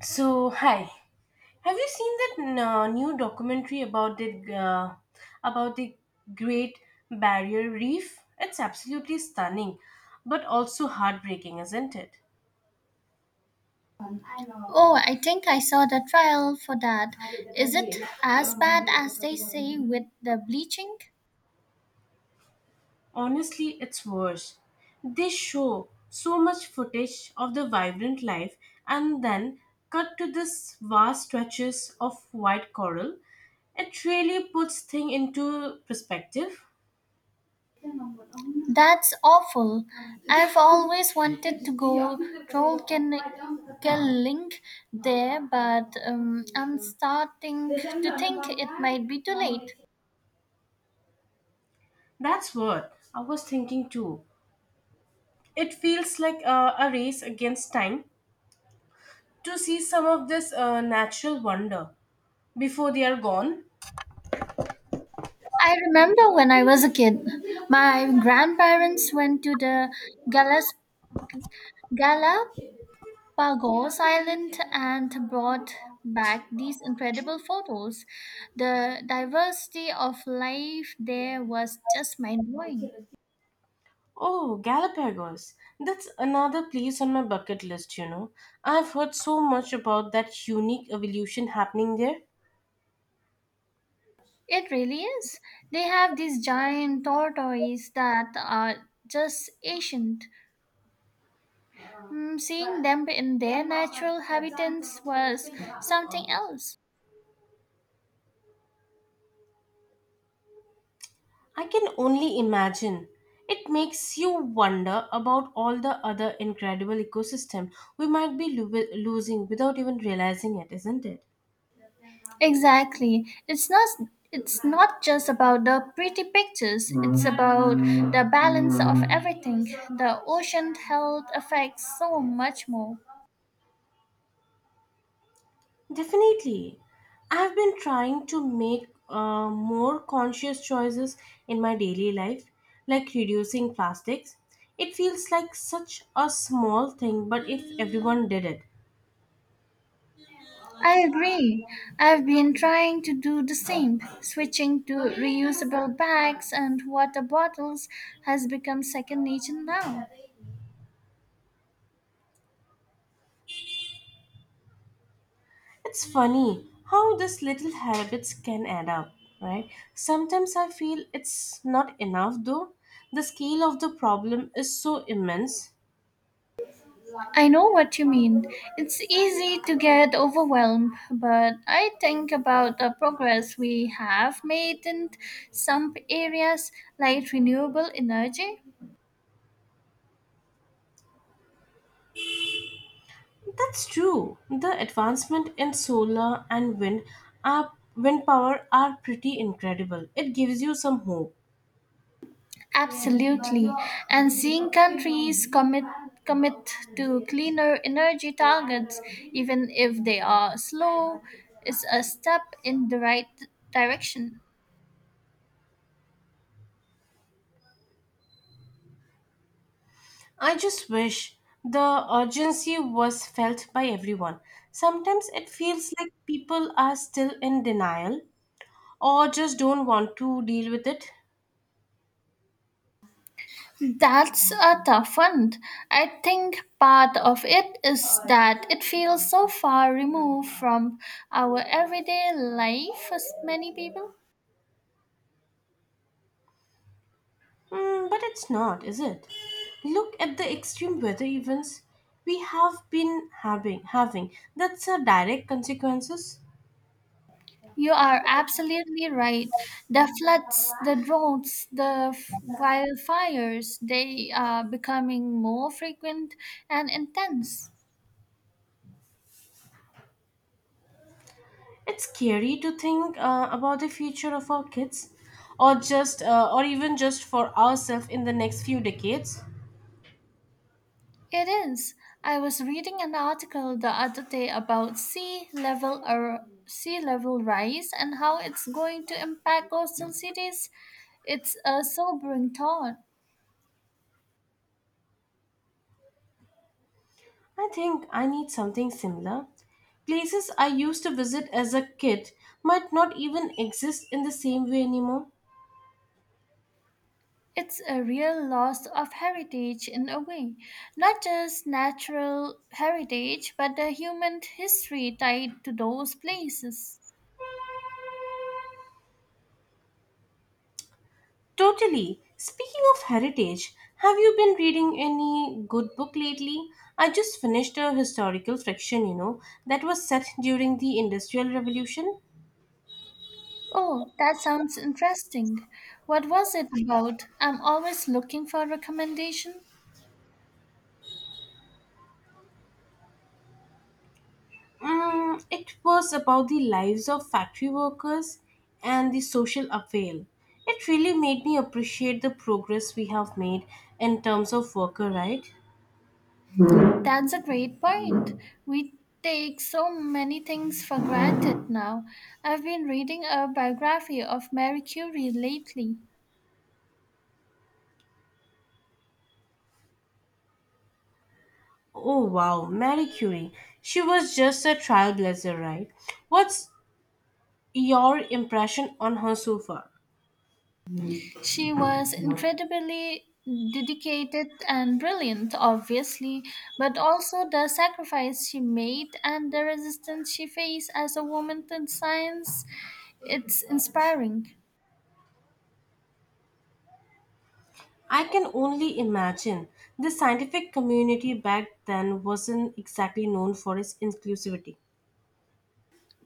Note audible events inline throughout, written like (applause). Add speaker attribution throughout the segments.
Speaker 1: So, hi. Have you seen that new documentary about uh, the Great Barrier Reef? It's absolutely stunning, but also heartbreaking, isn't it?
Speaker 2: Oh, I think I saw the trial for that. Is it as bad as they say with the bleaching?
Speaker 1: Honestly, it's worse. They show so much footage of the vibrant life and then cut to this vast stretches of white coral. It really puts things into perspective.
Speaker 2: That's awful. I've always wanted to go troll killing there, but I'm starting to think it might be too late.
Speaker 1: That's what I was thinking too. It feels like a race against time to see some of this natural wonder before they are gone.
Speaker 2: I remember when I was a kid, my grandparents went to the galas, gala Pagos Island and brought back these incredible photos. The diversity of life there was just mind blowing.
Speaker 1: Oh, Galapagos. That's another place on my bucket list. I've heard so much about that unique evolution happening there.
Speaker 2: It really is. They have these giant tortoises that are just ancient. Mm, seeing them in their natural habitats was something else.
Speaker 1: I can only imagine. It makes you wonder about all the other incredible ecosystem we might be losing without even realizing it, isn't it?
Speaker 2: Exactly. It's not just about the pretty pictures, it's about the balance of everything. The ocean health affects so much more.
Speaker 1: Definitely. I've been trying to make more conscious choices in my daily life, like reducing plastics. It feels like such a small thing, but if everyone did it,
Speaker 2: I agree. I've been trying to do the same. Switching to reusable bags and water bottles has become second nature now.
Speaker 1: it's funny how these little habits can add up, right? Sometimes I feel it's not enough though. The scale of the problem is so immense.
Speaker 2: I know what you mean. It's easy to get overwhelmed, but I think about the progress we have made in some areas like renewable energy.
Speaker 1: That's true. The advancement in solar and wind power are pretty incredible. It gives you some hope.
Speaker 2: Absolutely. And seeing countries commit to cleaner energy targets even if they are slow is a step in the right direction.
Speaker 1: I just wish the urgency was felt by everyone. Sometimes it feels like people are still in denial or just don't want to deal with it.
Speaker 2: That's a tough one. I think part of it is that it feels so far removed from our everyday life as many people.
Speaker 1: Hmm, but it's not, is it? Look at the extreme weather events we have been having. That's a direct consequences.
Speaker 2: You are absolutely right. The floods, the droughts, wildfires, they are becoming more frequent and intense.
Speaker 1: It's scary to think about the future of our kids or just or even just for ourselves in the next few decades.
Speaker 2: It is. I was reading an article the other day about sea level rise and how it's going to impact coastal cities. It's a sobering thought.
Speaker 1: I think I need something similar. Places I used to visit as a kid might not even exist in the same way anymore.
Speaker 2: It's a real loss of heritage in a way, not just natural heritage, but the human history tied to those places.
Speaker 1: Totally. Speaking of heritage, have you been reading any good book lately? I just finished a historical fiction, that was set during the Industrial Revolution.
Speaker 2: Oh, that sounds interesting. What was it about? I'm always looking for recommendations.
Speaker 1: Mm, it was about the lives of factory workers and the social avail. It really made me appreciate the progress we have made in terms of worker right.
Speaker 2: That's a great point. We take so many things for granted now. I've been reading a biography of Mary Curie lately.
Speaker 1: Oh wow, Marie Curie. She was just a trailblazer, right? What's your impression on her so far?
Speaker 2: She was incredibly dedicated and brilliant, obviously, but also the sacrifice she made and the resistance she faced as a woman in science. It's inspiring.
Speaker 1: I can only imagine the scientific community back then wasn't exactly known for its inclusivity.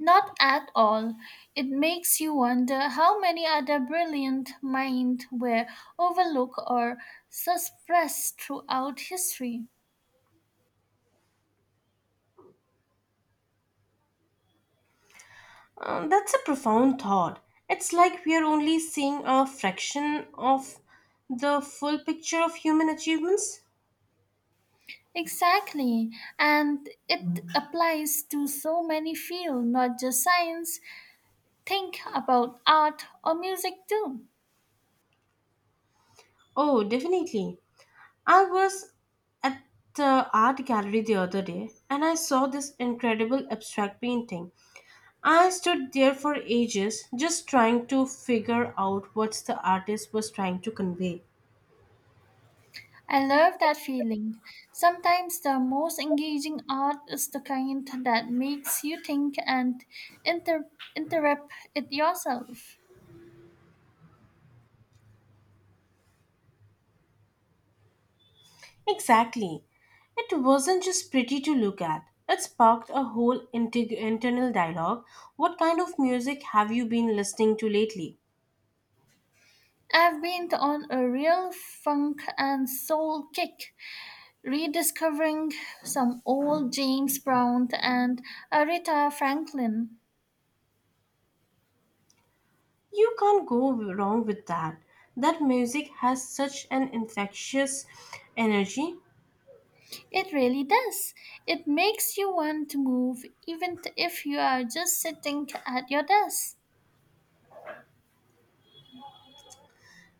Speaker 2: Not at all. It makes you wonder how many other brilliant minds were overlooked or suppressed throughout history.
Speaker 1: That's a profound thought. It's like we are only seeing a fraction of the full picture of human achievements.
Speaker 2: Exactly, and it applies to so many fields, not just science. Think about art or music too.
Speaker 1: Oh, definitely. I was at the art gallery the other day and I saw this incredible abstract painting. I stood there for ages just trying to figure out what the artist was trying to convey.
Speaker 2: I love that feeling. Sometimes the most engaging art is the kind that makes you think and inter- interrupt it yourself.
Speaker 1: Exactly. It wasn't just pretty to look at. It sparked a whole integ internal dialogue. What kind of music have you been listening to lately?
Speaker 2: I've been on a real funk and soul kick, rediscovering some old James Brown and Aretha Franklin.
Speaker 1: You can't go wrong with that. That music has such an infectious energy.
Speaker 2: It really does. It makes you want to move, even if you are just sitting at your desk.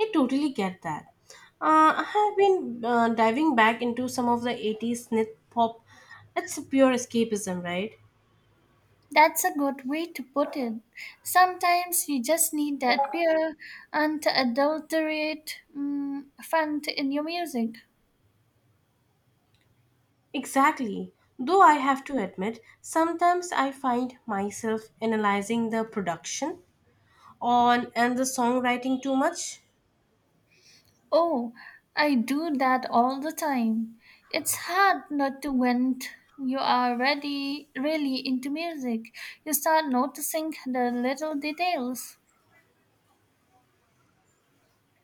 Speaker 1: I totally get that. I have been diving back into some of the 80s synth pop. It's pure escapism, right?
Speaker 2: That's a good way to put it. Sometimes you just need that pure, unadulterated fun in your music.
Speaker 1: Exactly. Though I have to admit, sometimes I find myself analyzing the production on and the songwriting too much.
Speaker 2: Oh, I do that all the time. It's hard not to when really into music. You start noticing the little details.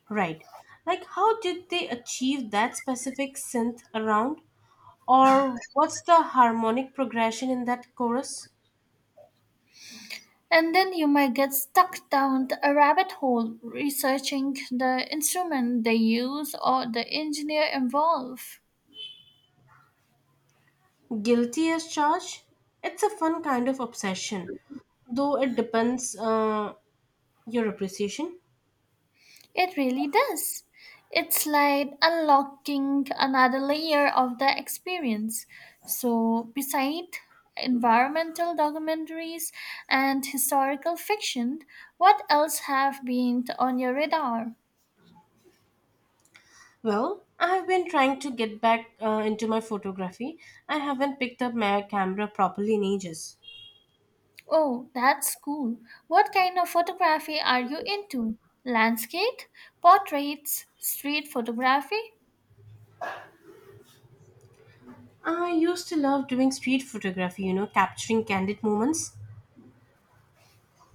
Speaker 1: Right. Like how did they achieve that specific synth around or what's the harmonic progression in that chorus?
Speaker 2: And then you might get stuck down a rabbit hole researching the instrument they use or the engineer involved.
Speaker 1: Guilty as charged? It's a fun kind of obsession, though it depends your appreciation.
Speaker 2: It really does. It's like unlocking another layer of the experience. So, beside environmental documentaries and historical fiction, what else have been on your radar?
Speaker 1: Well, I've been trying to get back into my photography. I haven't picked up my camera properly in ages.
Speaker 2: Oh, that's cool. What kind of photography are you into? Landscape, portraits, street photography?
Speaker 1: I used to love doing street photography, capturing candid moments.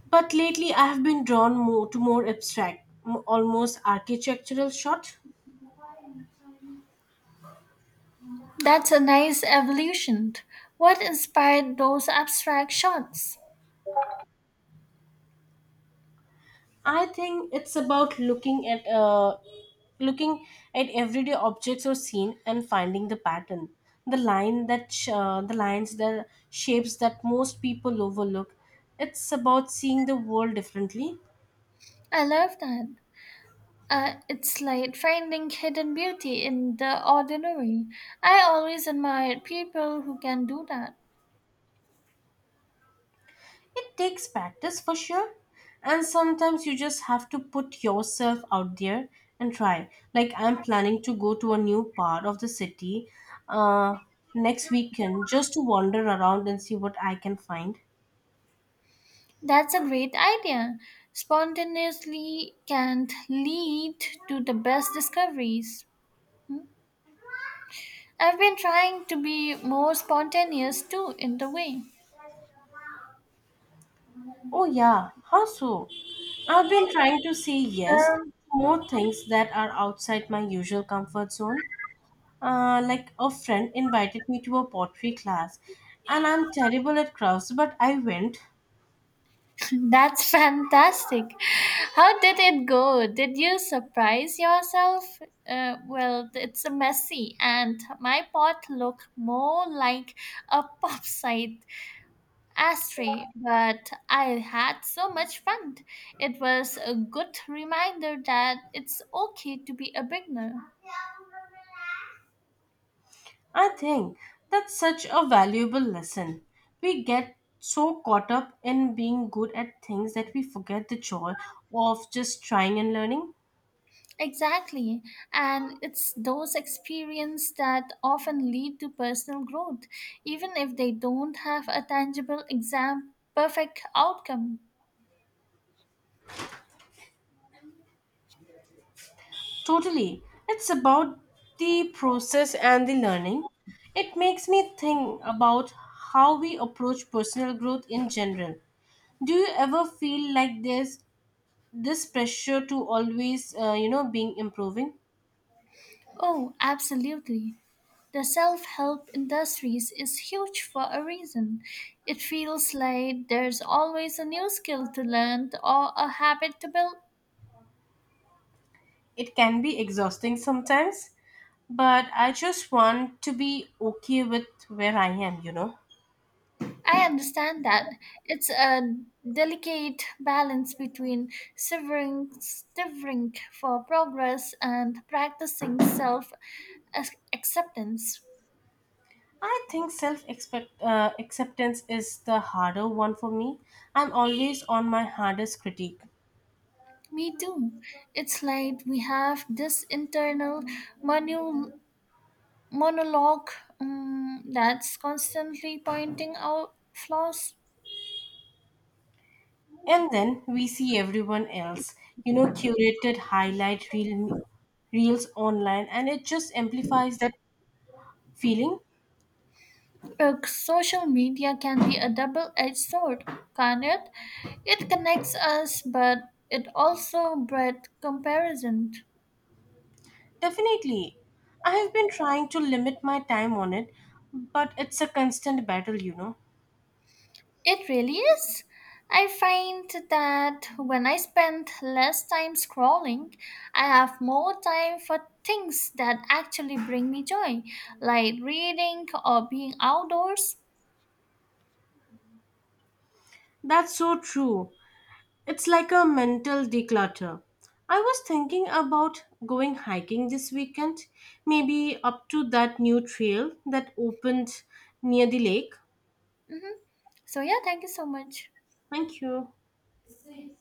Speaker 1: But lately I have been drawn more to more abstract, almost architectural shot.
Speaker 2: That's a nice evolution. What inspired those abstract shots?
Speaker 1: I think it's about looking at everyday objects or scene and finding the pattern, the line that the lines, the shapes that most people overlook. It's about seeing the world differently.
Speaker 2: I love that. It's like finding hidden beauty in the ordinary. I always admired people who can do that.
Speaker 1: It takes practice for sure, and sometimes you just have to put yourself out there and try. Like I'm planning to go to a new part of the city uh, next weekend just to wander around and see what I can find.
Speaker 2: That's a great idea. Spontaneously can lead to the best discoveries. Hmm? I've been trying to be more spontaneous too, in the way.
Speaker 1: Oh, yeah. How so? I've been trying to say yes to
Speaker 2: Um,
Speaker 1: more things that are outside my usual comfort zone. Like a friend invited me to a pottery class, and I'm terrible at crafts, but I went.
Speaker 2: (laughs) That's fantastic. How did it go? Did you surprise yourself? Well, it's a messy, and my pot looked more like a (laughs) pop site ashtray, but I had so much fun. It was a good reminder that it's okay to be a beginner.
Speaker 1: I think that's such a valuable lesson. We get so caught up in being good at things that we forget the joy of just trying and learning.
Speaker 2: Exactly. And it's those experiences that often lead to personal growth, even if they don't have a tangible exam perfect outcome.
Speaker 1: Totally. It's about the process and the learning. It makes me think about how we approach personal growth in general. Do you ever feel like there's this pressure to always being improving?
Speaker 2: Oh, absolutely. The self help industries is huge for a reason. It feels like there's always a new skill to learn or a habit to build.
Speaker 1: It can be exhausting sometimes, but I just want to be okay with where I am.
Speaker 2: I understand that. It's a delicate balance between severing for progress and practicing acceptance.
Speaker 1: I think self expect acceptance is the harder one for me. I'm always on my hardest critique.
Speaker 2: Me too. It's like we have this internal monu- monologue that's constantly pointing out flaws.
Speaker 1: And then we see everyone else, curated highlight reels online, and it just amplifies that feeling.
Speaker 2: Social media can be a double edged sword, can't it? It connects us, but it also breeds comparison.
Speaker 1: Definitely. I have been trying to limit my time on it, but it's a constant battle.
Speaker 2: It really is. I find that when I spend less time scrolling, I have more time for things that actually bring me joy, like reading or being outdoors.
Speaker 1: That's so true. It's like a mental declutter. I was thinking about going hiking this weekend, maybe up to that new trail that opened near the lake.
Speaker 2: Mhm. So, yeah, thank you so much.
Speaker 1: Thank you.